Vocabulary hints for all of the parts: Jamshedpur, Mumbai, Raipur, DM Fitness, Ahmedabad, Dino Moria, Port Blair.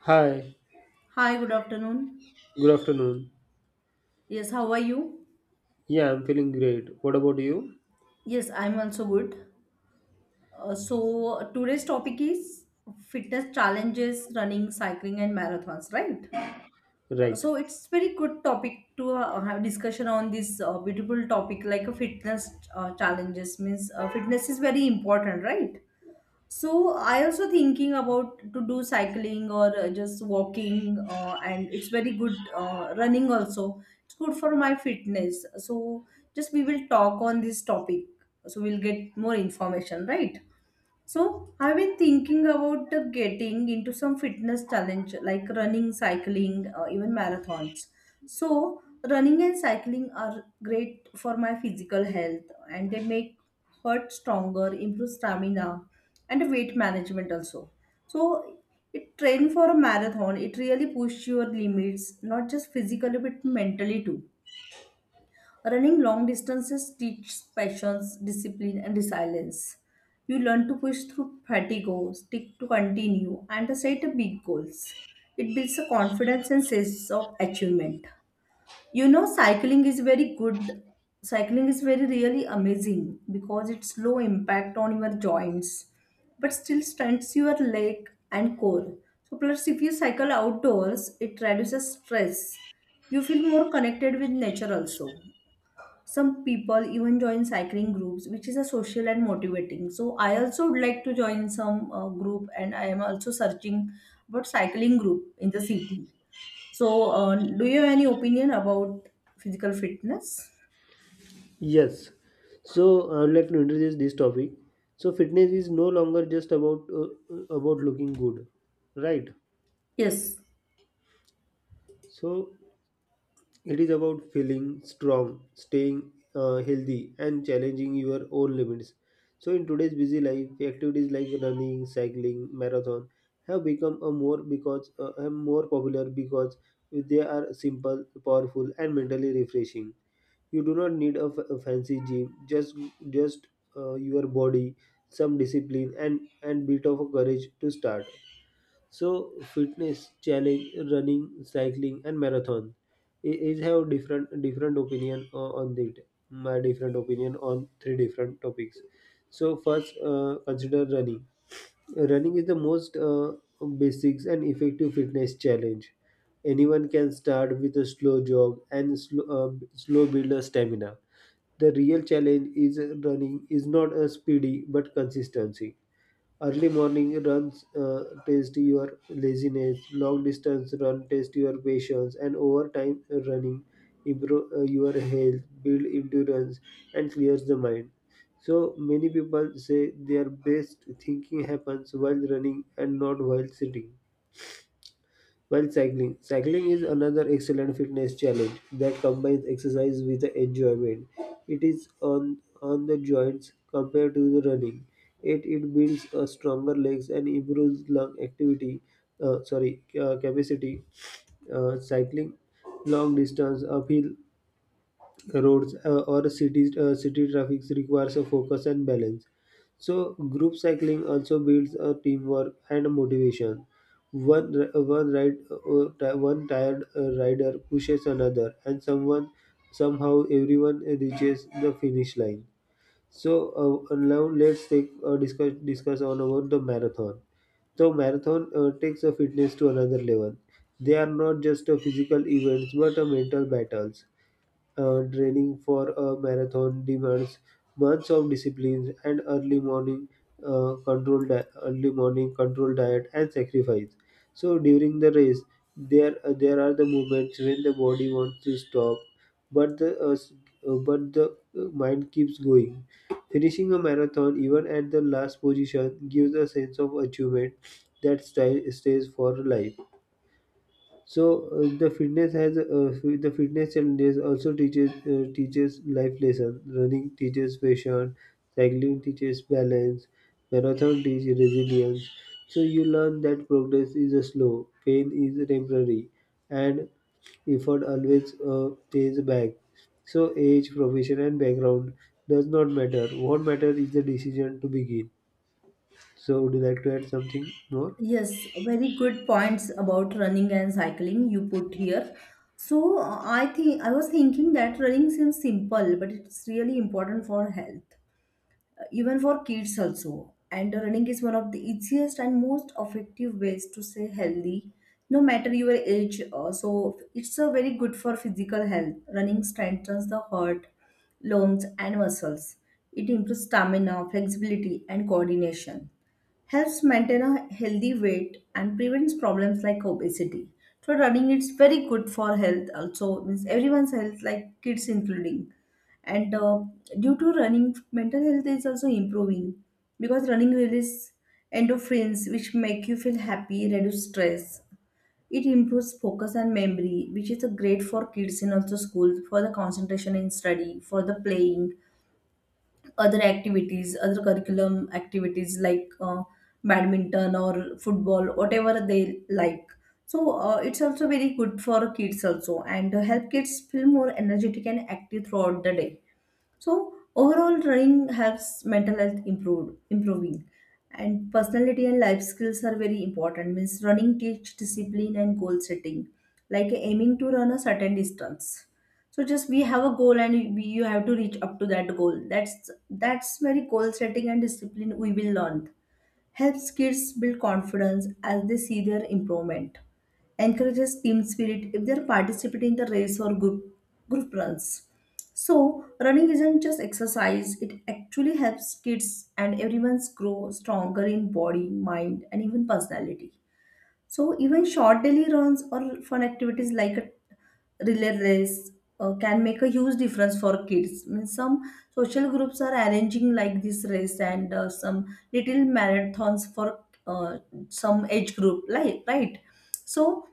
Hi, Hi, good afternoon. good afternoon. Yes, how are you? Yeah, I'm feeling great. What about you? Yes, I'm also good. Today's topic is fitness challenges, running, cycling, and marathons, right? Right. It's very good topic to have discussion on this beautiful topic like a fitness challenges means fitness is very important, right? So I also thinking about to do cycling or just walking, and it's very good running also. It's good for my fitness. So just we will talk on this topic. So we'll get more information, right? So I've been thinking about getting into some fitness challenge like running, cycling, even marathons. So running and cycling are great for my physical health and they make heart stronger, improve stamina and weight management also. So it train for a marathon, it really pushes your limits, not just physically but mentally too. Running long distances teaches patience, discipline, and resilience. You learn to push through fatigue, stick to continue, and set big goals. It builds a confidence and sense of achievement. You know, cycling is very good. Cycling is very really amazing because it's low impact on your joints, but still strengthens your leg and core. So, plus, if you cycle outdoors, it reduces stress, you feel more connected with nature also, some people even join cycling groups, which is a social and motivating. So I also would like to join some group, and I am also searching about cycling group in the city. So do you have any opinion about physical fitness? Yes. So I would like to introduce this topic. So fitness is no longer just about looking good, right? Yes, So it is about feeling strong, staying healthy, and challenging your own limits. So, in today's busy life, activities like running, cycling, marathon have become a more popular because they are simple, powerful, and mentally refreshing. You do not need a fancy gym; just your body, some discipline, and bit of courage to start. So fitness challenge, running, cycling, and marathon is have different opinion on it. My different opinion on three different topics. So first, consider running. Running is the most basics and effective fitness challenge. Anyone can start with a slow jog and slow build a stamina. The real challenge is running is not a speedy but consistency. Early morning runs test your laziness, long distance run test your patience, and over time running improve your health, build endurance, and clears the mind. So many people say their best thinking happens while running and not while sitting. While cycling, is another excellent fitness challenge that combines exercise with enjoyment. It is on the joints compared to the running. It builds a stronger legs and improves lung activity. Capacity. Cycling long distance uphill roads or cities city traffic requires a focus and balance. So group cycling also builds a teamwork and motivation. One r- one ride uh, ti- one tired rider pushes another and someone somehow everyone reaches the finish line. So now let's take discuss discuss on about the marathon. So marathon takes a fitness to another level. They are not just a physical events but a mental battles. Training for a marathon demands months of discipline and early morning early morning control diet and sacrifice. So during the race, there are the moments when the body wants to stop, but the mind keeps going. Finishing a marathon even at the last position gives a sense of achievement that style stays for life. So the fitness challenges also teaches life lessons. Running teaches patience, cycling teaches balance, marathon teaches resilience. So you learn that progress is slow, pain is temporary, and effort always pays back. So age, profession, and background does not matter. What matters is the decision to begin. So would you like to add something more? yes, very good points about running and cycling you put here. So I think I was thinking that running seems simple, but it's really important for health. Even for kids also. And running is one of the easiest and most effective ways to stay healthy, no matter your age. So it's a very good for physical health. Running strengthens the heart, lungs, and muscles. It improves stamina, flexibility, and coordination, helps maintain a healthy weight and prevents problems like obesity. So running it's very good for health also means everyone's health like kids including, and due to running mental health is also improving because running releases endorphins which make you feel happy, reduce stress, it improves focus and memory which is a great for kids in also school for the concentration in study for the playing other activities, other curriculum activities like badminton or football, whatever they like. So it's also very good for kids also and help kids feel more energetic and active throughout the day. So overall, running helps mental health improve, improving, and personality and life skills are very important. Means running teach discipline and goal setting, like aiming to run a certain distance. So just we have a goal and we, you have to reach up to that goal. That's very goal setting and discipline we will learn, helps kids build confidence as they see their improvement, encourages team spirit if they're participating in the race or group, group runs. So, running isn't just exercise, it actually helps kids and everyone's grow stronger in body, mind, and even personality. So even short daily runs or fun activities like a relay race can make a huge difference for kids. Means some social groups are arranging like this race and some little marathons for some age group, like right. So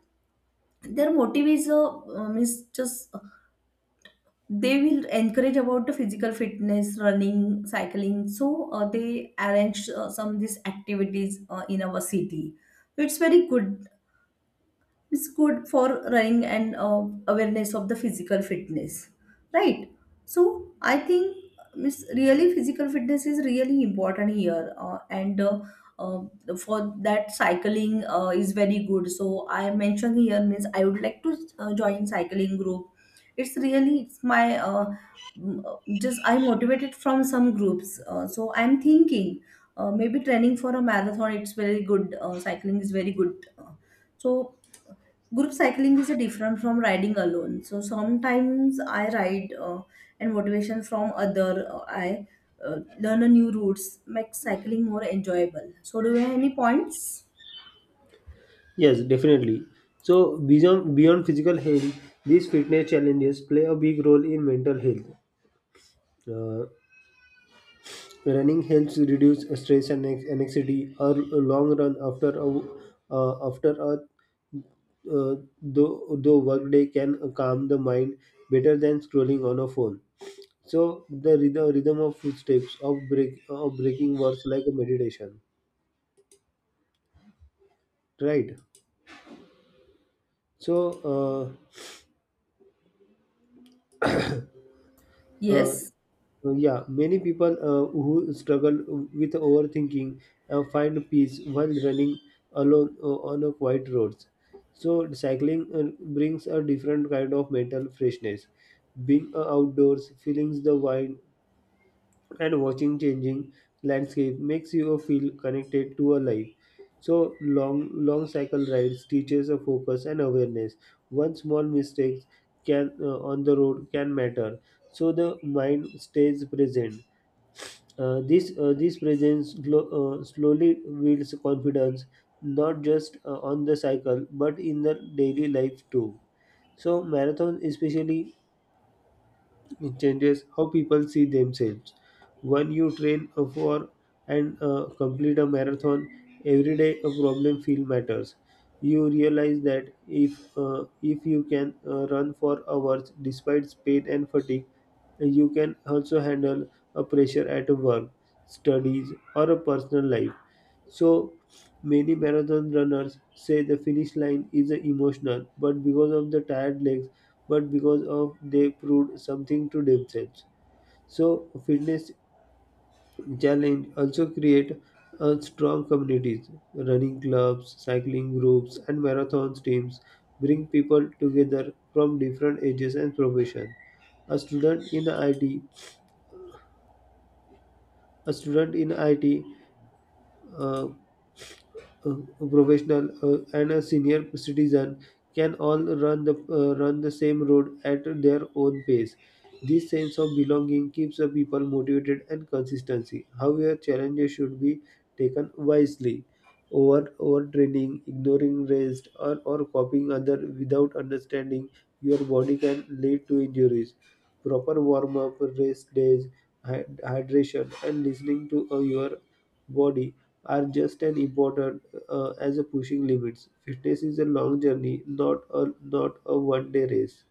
their motive is means just they will encourage about the physical fitness, running, cycling. So they arrange some these activities in our city. So, it's very good, it's good for running and awareness of the physical fitness, right. So I think it's really physical fitness is really important here and uh, for that cycling is very good, so I mentioned here means I would like to join cycling group. It's really it's my just I motivated from some groups, so I'm thinking maybe training for a marathon it's very good, cycling is very good so group cycling is a different from riding alone. So sometimes I ride and motivation from other. I learn a new routes, make cycling more enjoyable. So do you have any points? Yes, definitely. So beyond physical health, these fitness challenges play a big role in mental health. Uh, Running helps reduce stress and anxiety. Or a long run after a w- after a uh, though workday can calm the mind better than scrolling on a phone. So the rhythm of footsteps of break of breaking words like a meditation, right? So uh, uh, Yes. Yeah, many people who struggle with overthinking find peace while running alone on a quiet roads. So cycling brings a different kind of mental freshness. Being outdoors, feeling the wind, and watching changing landscape makes you feel connected to a life. So long cycle rides teaches a focus and awareness. One small mistake can on the road can matter. So the mind stays present. This this presence slowly builds confidence, not just on the cycle but in the daily life too. So marathon especially it changes how people see themselves. When you train for and complete a marathon, every day a problem feel matters. You realize that if you can run for hours despite pain and fatigue, you can also handle a pressure at work, studies, or a personal life. So many marathon runners say the finish line is emotional, but because of the tired legs, but because of they proved something to themselves. So fitness challenge also create a strong communities. Running clubs, cycling groups, and marathon teams bring people together from different ages and profession. A student in IT, a student in IT uh, a professional and a senior citizen can all run the same road at their own pace. This sense of belonging keeps the people motivated and consistency. However, challenges should be taken wisely. Overtraining, ignoring rest, or copying other without understanding your body can lead to injuries. Proper warm up, rest days, hydration, and listening to your body are just as important as a pushing limits. Fitness is a long journey, not a one-day race.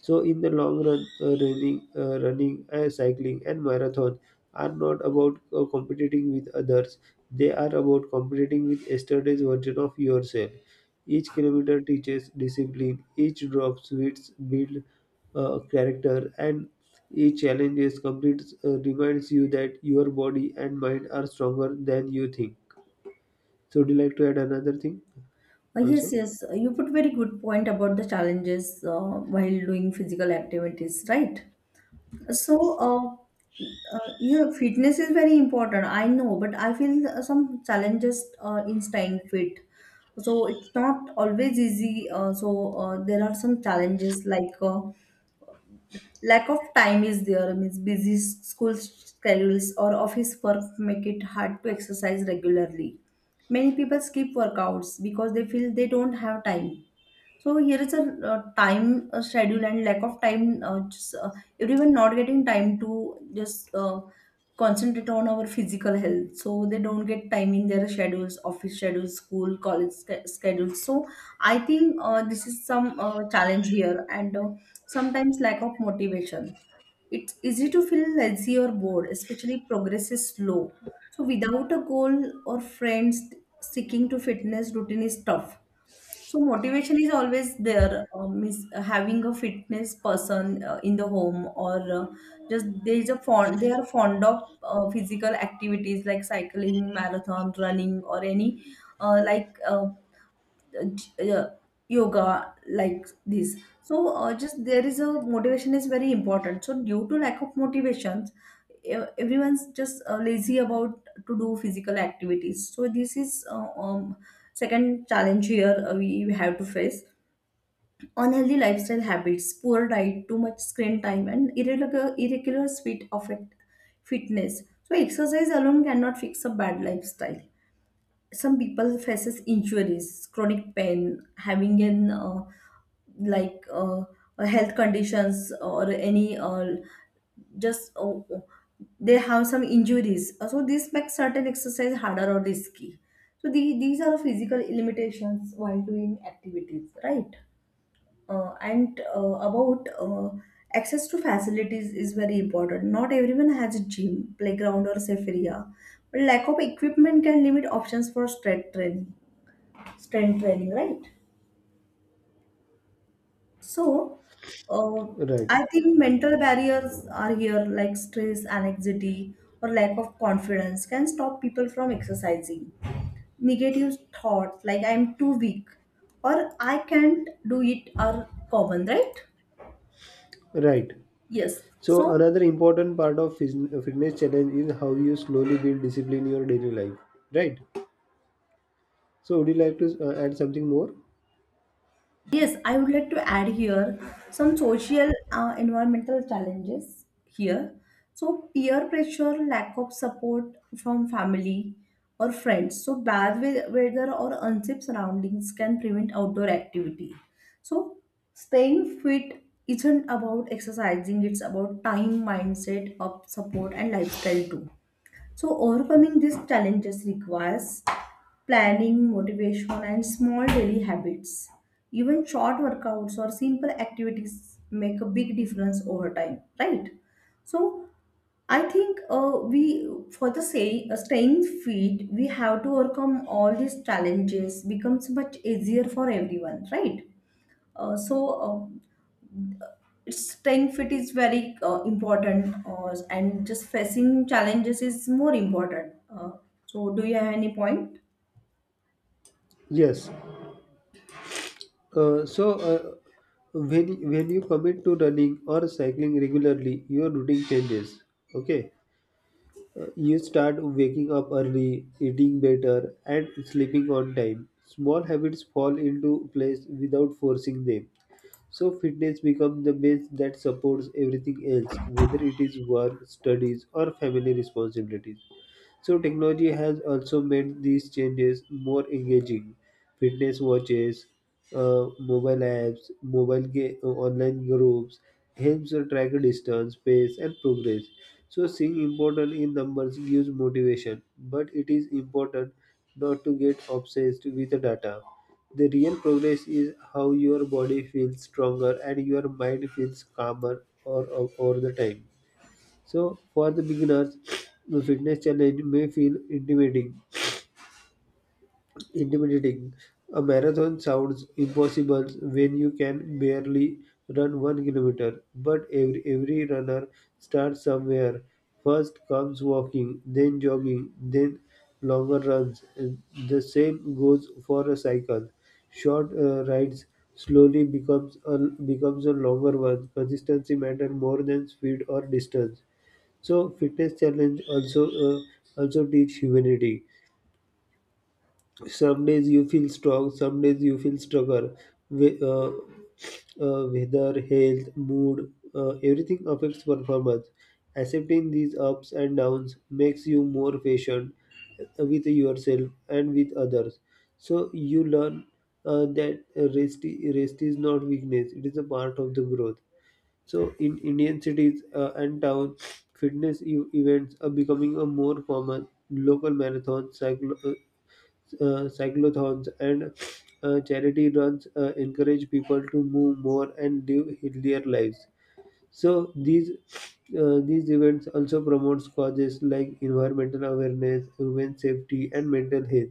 So in the long run, running, cycling, and marathon are not about competing with others. They are about competing with yesterday's version of yourself. Each kilometer teaches discipline. Each drop sweets build character, and each challenge is complete reminds you that your body and mind are stronger than you think. So, would you like to add another thing also? Yes. You put very good point about the challenges while doing physical activities, right? So, uh, yeah, fitness is very important. I know, but I feel some challenges in staying fit. So it's not always easy. There are some challenges like lack of time is there. Means busy school schedules or office work make it hard to exercise regularly. Many people skip workouts because they feel they don't have time. So here is a time schedule and lack of time. Everyone not getting time to just concentrate on our physical health. So they don't get time in their schedules, office schedules, school, college schedules. So I think this is some challenge here, and sometimes lack of motivation. It's easy to feel lazy or bored, especially progress is slow. So without a goal or friends, sticking to fitness routine is tough, so motivation is always there. Is having a fitness person in the home or just there is a fond, they are fond of physical activities like cycling, marathon, running, or any uh, like uh, uh, j- uh, yoga like this. So just there is a motivation is very important, so due to lack of motivations, everyone's just lazy about to do physical activities. So this is second challenge here we have to face. Unhealthy lifestyle habits, poor diet, too much screen time and irregular fitness, so exercise alone cannot fix a bad lifestyle. Some people faces injuries, chronic pain, having an like uh, health conditions or any just they have some injuries. So this makes certain exercise harder or risky, so the, these are physical limitations while doing activities, right. And about access to facilities is very important, not everyone has a gym, playground or safe area, but lack of equipment can limit options for strength training, strength training, right. so uh, Right, I think mental barriers are here like stress, anxiety or lack of confidence can stop people from exercising. Negative thoughts like I'm too weak or I can't do it are common, right? right. Yes. So So another important part of fitness challenge is how you slowly build discipline in your daily life, right? So would you like to add something more? yes, I would like to add here some social environmental challenges here. So peer pressure, lack of support from family or friends. So bad weather or unsafe surroundings can prevent outdoor activity. So staying fit isn't about exercising, it's about time, mindset, of support and lifestyle too. So, overcoming these challenges requires planning, motivation, and small daily habits. Even short workouts or simple activities make a big difference over time, right? So, I think we, for the say, staying fit, we have to overcome all these challenges. Becomes much easier for everyone, right? Uh, so, uh, staying fit is very important and just facing challenges is more important, so do you have any point? Yes. Uh, so uh, when you commit to running or cycling regularly, your routine changes. Okay. You start waking up early, eating better, and sleeping on time. Small habits fall into place without forcing them. So fitness becomes the base that supports everything else, whether it is work, studies, or family responsibilities. So technology has also made these changes more engaging. Fitness watches, mobile apps, online groups helps you track distance, pace, and progress. So seeing important in numbers gives motivation, but it is important not to get obsessed with the data. The real progress is how your body feels stronger and your mind feels calmer over the time. So for the beginners, the fitness challenge may feel intimidating. Intimidating. A marathon sounds impossible when you can barely run 1 kilometer. But every runner starts somewhere. First comes walking, then jogging, then longer runs. And the same goes for a cycle. Short rides slowly becomes a longer one. Consistency matters more than speed or distance. So fitness challenge also teach humanity. Some days you feel strong, some days you feel stronger. We, uh, Weather, health, mood, everything affects performance. Accepting these ups and downs makes you more patient with yourself and with others. So you learn uh, that rest, rest is not weakness; it is a part of the growth. So in Indian cities and towns, fitness events are becoming a more common. Local marathons, cyclothons, and charity runs encourage people to move more and live healthier lives. So these events also promotes causes like environmental awareness, human safety, and mental health.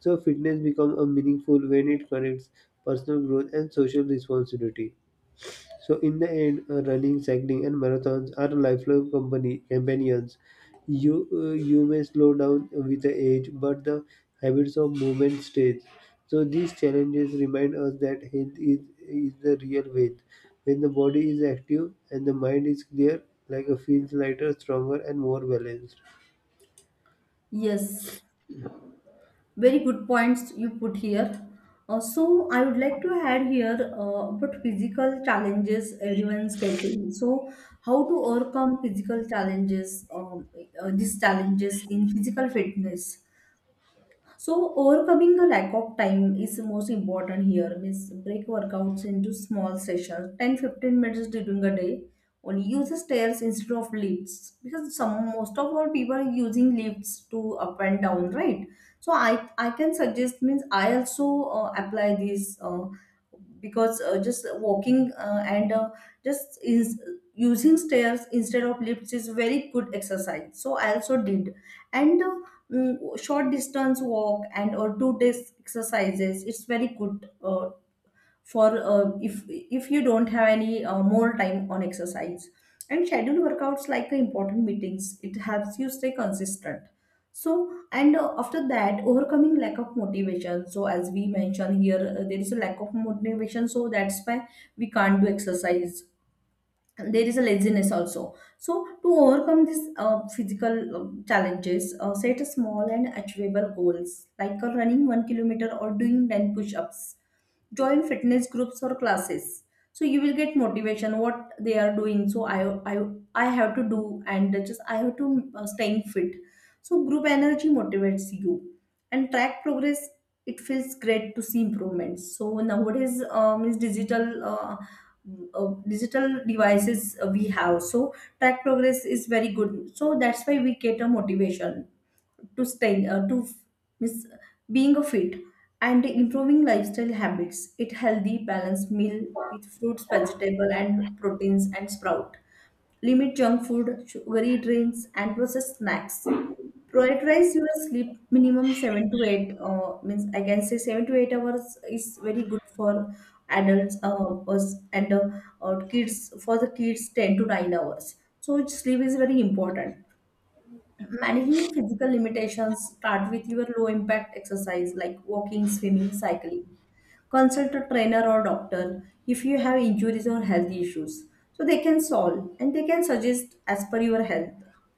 So fitness become a meaningful when it connects personal growth and social responsibility. So in the end, running, cycling, and marathons are lifelong company companions. You may slow down with the age, but the habits of movement stays. So these challenges remind us that health is the real wealth. When the body is active and the mind is clear, like a feels lighter, stronger, and more balanced. Yes, very good points you put here. So I would like to add here about physical challenges everyone's getting. So how to overcome physical challenges, these challenges in physical fitness. So overcoming the lack of time is most important here. Means break workouts into small sessions, 10-15 minutes during a day. Only use the stairs instead of lifts because some most of our people are using lifts to up and down, right? So I can suggest means I also apply this because just walking and just is using stairs instead of lifts is very good exercise. So I also did and short distance walk and or do this exercises. It's very good for if you don't have any more time on exercise, and schedule workouts like the important meetings. It helps you stay consistent. So and After that, overcoming lack of motivation. So as we mentioned here, there is a lack of motivation, so that's why we can't do exercise. There is a laziness also. So to overcome these physical challenges, set a small and achievable goals like running 1 kilometer or doing 10 push-ups. Join fitness groups or classes, so you will get motivation what they are doing. So i, I have to do, and just I have to staying fit. So group energy motivates you, and track progress. It feels great to see improvements. So nowadays, is digital, digital devices we have. So track progress is very good, so that's why we get a motivation to spend, miss being a fit. And improving lifestyle habits. Eat healthy balanced meal with fruits, vegetable and proteins and sprout. Limit junk food, sugary drinks and processed snacks. Prioritize your sleep minimum 7 to 8, means I can say 7 to 8 hours is very good for adults, us and kids. For the kids, 10 to 9 hours. So sleep is very important. Managing physical limitations, start with your low impact exercise like walking, swimming, cycling. Consult a trainer or doctor if you have injuries or health issues, so they can solve and they can suggest as per your health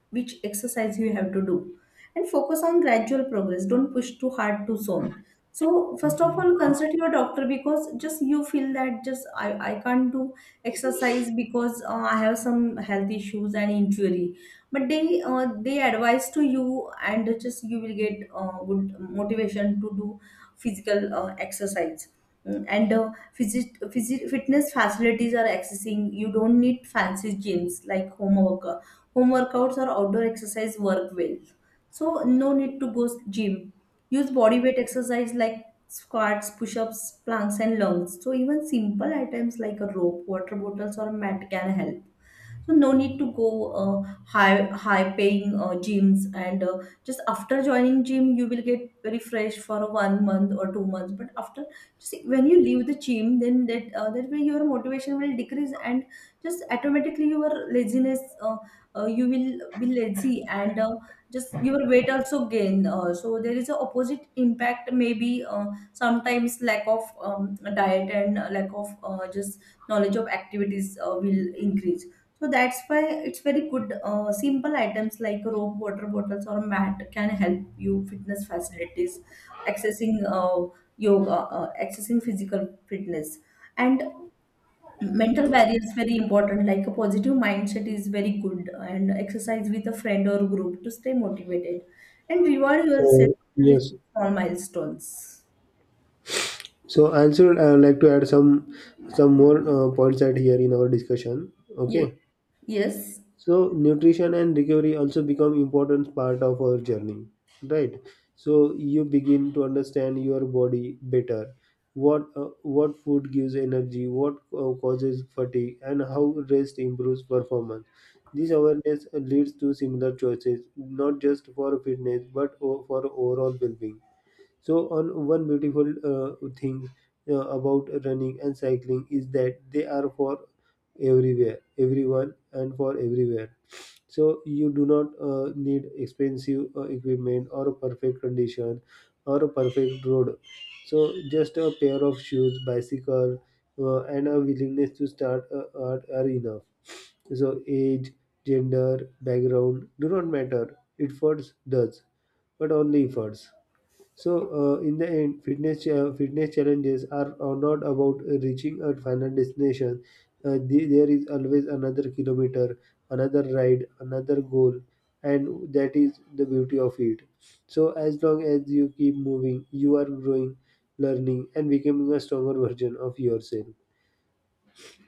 which exercise you have to do. And focus on gradual progress, don't push too hard too soon. So first of all, consult your doctor, because just you feel that just I can't do exercise because I have some health issues and injury, but they advise to you, and just you will get good motivation to do physical exercise. Mm, and uh, Fitness facilities are accessing. You don't need fancy gyms, like home workout. Home workouts or outdoor exercise work well, so no need to go gym. Use body weight exercise like squats, push-ups, planks and lunges. So even simple items like a rope, water bottles or mat can help. So no need to go uh, high paying gyms. And just after joining gym, you will get very fresh for 1 month or 2 months. But after, just when you leave the gym, then that way your motivation will decrease, and just automatically your laziness, you will be lazy, and just your weight also gain. So there is a opposite impact maybe. Sometimes lack of diet and lack of just knowledge of activities will increase. So that's why it's very good. Simple items like rope, water bottles, or mat can help you. Fitness facilities, accessing yoga, accessing physical fitness, and mental barrier is very important. Like a positive mindset is very good, and exercise with a friend or group to stay motivated, and reward yourself So with yes, small milestones. so I also like to add some more points out here in our discussion. Okay. Yes. Yes. So nutrition and recovery also become important part of our journey, right? So you begin to understand your body better, what food gives energy, what causes fatigue, and how rest improves performance. This awareness leads to similar choices, not just for fitness but for overall well-being. So, on one beautiful thing about running and cycling is that they are for everywhere, everyone, and for everywhere. So, you do not need expensive equipment or a perfect condition or a perfect road. So, just a pair of shoes, bicycle, and a willingness to start are enough. So, age, gender, background do not matter. It first does, but only efforts. So, in the end, fitness challenges are not about reaching a final destination. There is always another kilometer, another ride, another goal, and that is the beauty of it. So, as long as you keep moving, you are growing, learning, and becoming a stronger version of yourself.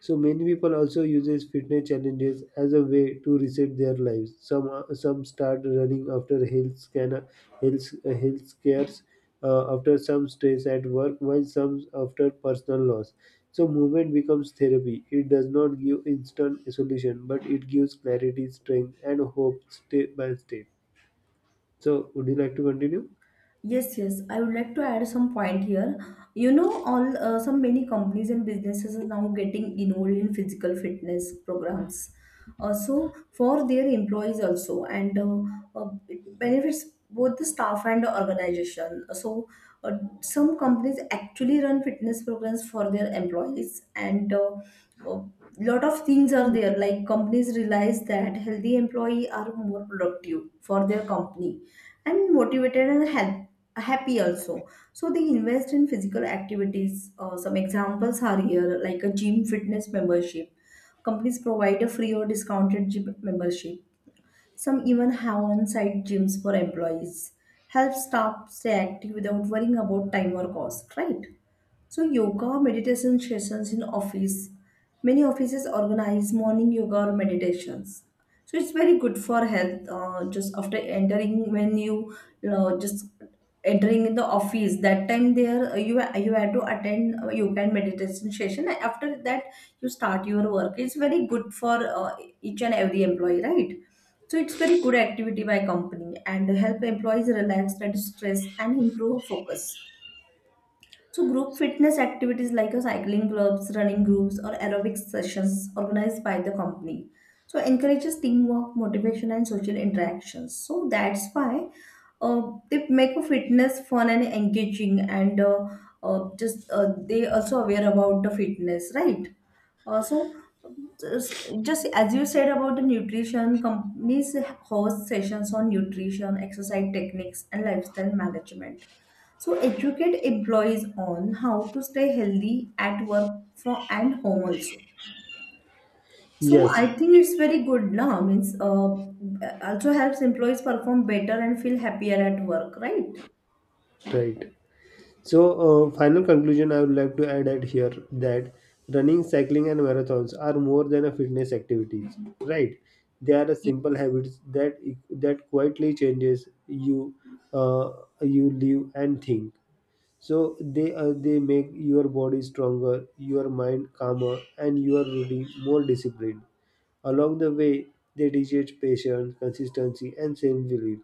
So many people also uses fitness challenges as a way to reset their lives. Some start running after health scanner, health scares, after some stress at work, while some after personal loss. So movement becomes therapy. It does not give instant solution, but it gives clarity, strength, and hope step by step. So would you like to continue? Yes, yes, I would like to add some point here. You know, all some many companies and businesses are now getting involved in physical fitness programs. So for their employees also, and it benefits both the staff and the organization. So uh, some companies actually run fitness programs for their employees, and uh, lot of things are there. Like companies realize that healthy employee are more productive for their company and motivated and help happy also, so they invest in physical activities. Some examples are here, like a gym fitness membership. Companies provide a free or discounted gym membership. Some even have on-site gyms for employees. Help staff stay active without worrying about time or cost, right? So yoga, meditation sessions in office. Many offices organize morning yoga or meditations. So it's very good for health. Just after entering, when you just entering in the office, that time there, you had to attend yoga and meditation session. After that, you start your work. It's very good for each and every employee, right? So it's very good activity by company and help employees relax, reduce stress and improve focus. So group fitness activities like your cycling clubs, running groups, or aerobic sessions organized by the company. So encourages teamwork, motivation, and social interactions. So that's why uh, they make a fitness fun and engaging, and just they also aware about the fitness, right? Uh, so, just just as you said about the nutrition, companies host sessions on nutrition, exercise techniques, and lifestyle management. So educate employees on how to stay healthy at work from and home also. So Yes, I think it's very good now. Means also helps employees perform better and feel happier at work, right? right. So, final conclusion I would like to add at here that running, cycling, and marathons are more than a fitness activities, right? They are a Ye- simple habits that e, that quietly changes you, uh, you live and think. So they make your body stronger, your mind calmer, and your routine more disciplined. Along the way, they teach patience, consistency, and self belief.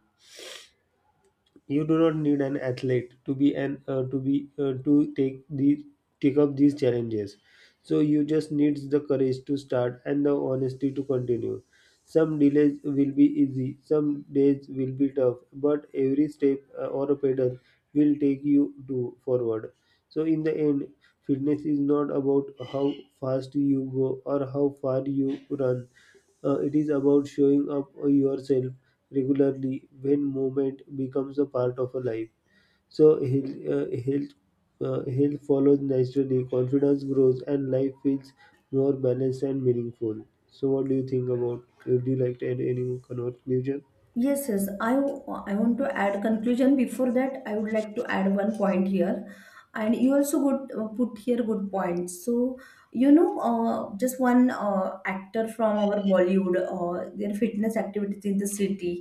You do not need an athlete to be an to be to take the take up these challenges. So you just needs the courage to start and the honesty to continue. Some delays will be easy, some days will be tough, but every step or a pedal will take you to forward. So in the end, fitness is not about how fast you go or how far you run. It is about showing up yourself regularly when movement becomes a part of a life. So health follows naturally. Confidence grows, and life feels more balanced and meaningful. So, what do you think about? Would you like to add any more conclusion? Yes, yes, I want to add conclusion. Before that, I would like to add one point here. And you also good put here good points. So you know, just one actor from our Bollywood, their fitness activities in the city,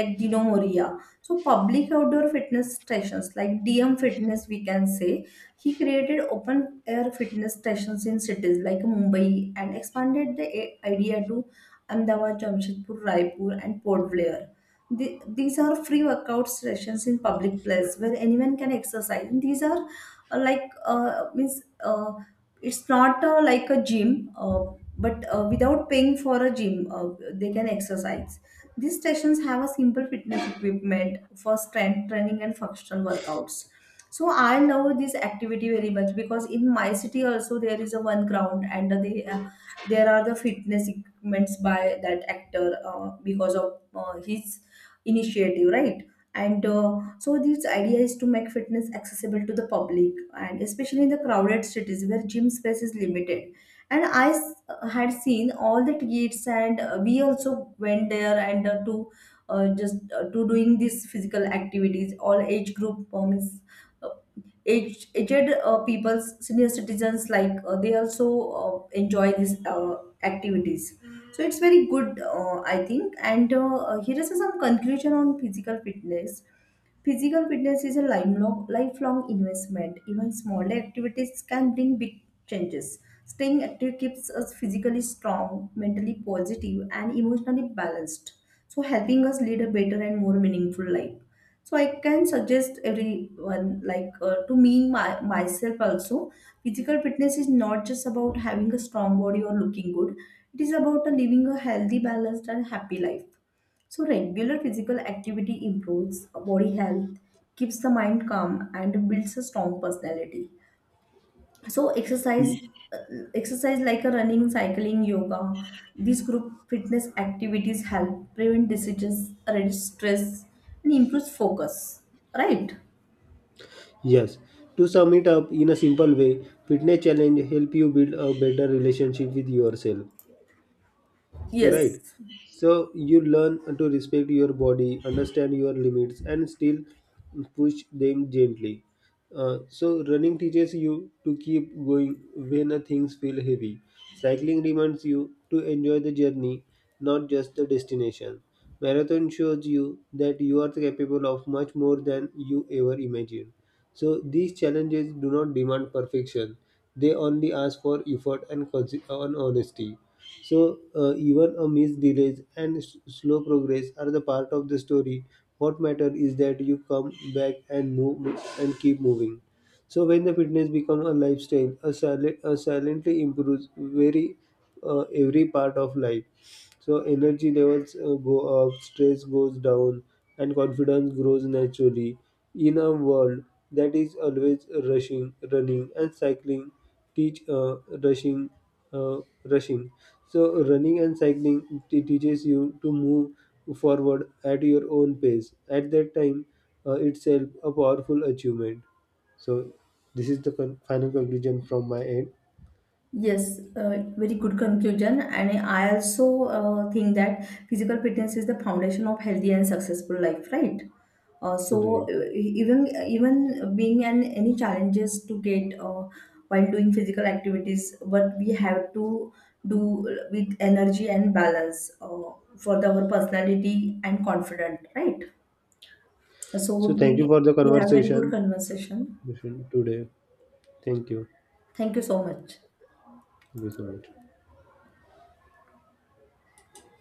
like Dino Moria. So public outdoor fitness stations like DM Fitness, we can say. He created open air fitness stations in cities like Mumbai and expanded the idea to Ahmedabad, Jamshedpur, Raipur and Port Blair. These are free workout sessions in public place where anyone can exercise. And these are like means it's not like a gym, but without paying for a gym, they can exercise. These stations have a simple fitness equipment for strength training and functional workouts. So I love this activity very much because in my city also there is a one ground, and they there are the fitness equipments by that actor, because of his initiative, right? And so this idea is to make fitness accessible to the public and especially in the crowded cities where gym space is limited. And I had seen all the kids, and we also went there, and to just to doing these physical activities. All age group, is aged people's senior citizens, like, they also enjoy these activities. So it's very good, I think. And here is some conclusion on physical fitness. Physical fitness is a lifelong investment. Even small activities can bring big changes. Staying active keeps us physically strong, mentally positive and emotionally balanced, so helping us lead a better and more meaningful life. So I can suggest everyone, like, myself also. Physical fitness is not just about having a strong body or looking good. It is about living a healthy, balanced and happy life. So regular physical activity improves body health, keeps the mind calm, and builds a strong personality. So Y- uh, exercise like a running, cycling, yoga. These group fitness activities help prevent diseases, reduce stress and improves focus, right? Yes. To sum it up in a simple way, fitness challenge help you build a better relationship with yourself. Right. Yes. So you learn to respect your body, understand your limits, and still push them gently. So running teaches you to keep going when things feel heavy. Cycling reminds you to enjoy the journey, not just the destination. Marathon shows you that you are capable of much more than you ever imagined. So these challenges do not demand perfection; they only ask for effort and honesty. So, even a missed delays slow progress are the part of the story. What matters is that you come back and move and keep moving. So, when the fitness becomes a lifestyle, a, silent, a silently improves very every part of life. So energy levels go up, stress goes down, and confidence grows naturally. In a world that is always rushing, running, and cycling, teach uh, rushing, rushing. So running and cycling teaches you to move forward at your own pace. At that time, itself a powerful achievement. So this is the final conclusion from my end. Yes, very good conclusion. And I also think that physical fitness is the foundation of healthy and successful life, right? Uh, so Right. uh, even being an any challenges to get, while doing physical activities, but we have to do with energy and balance, for our personality and confident, right? So So thank you we for the we have very good conversation conversation. today. Thank you. Thank you so much. Thank you so much.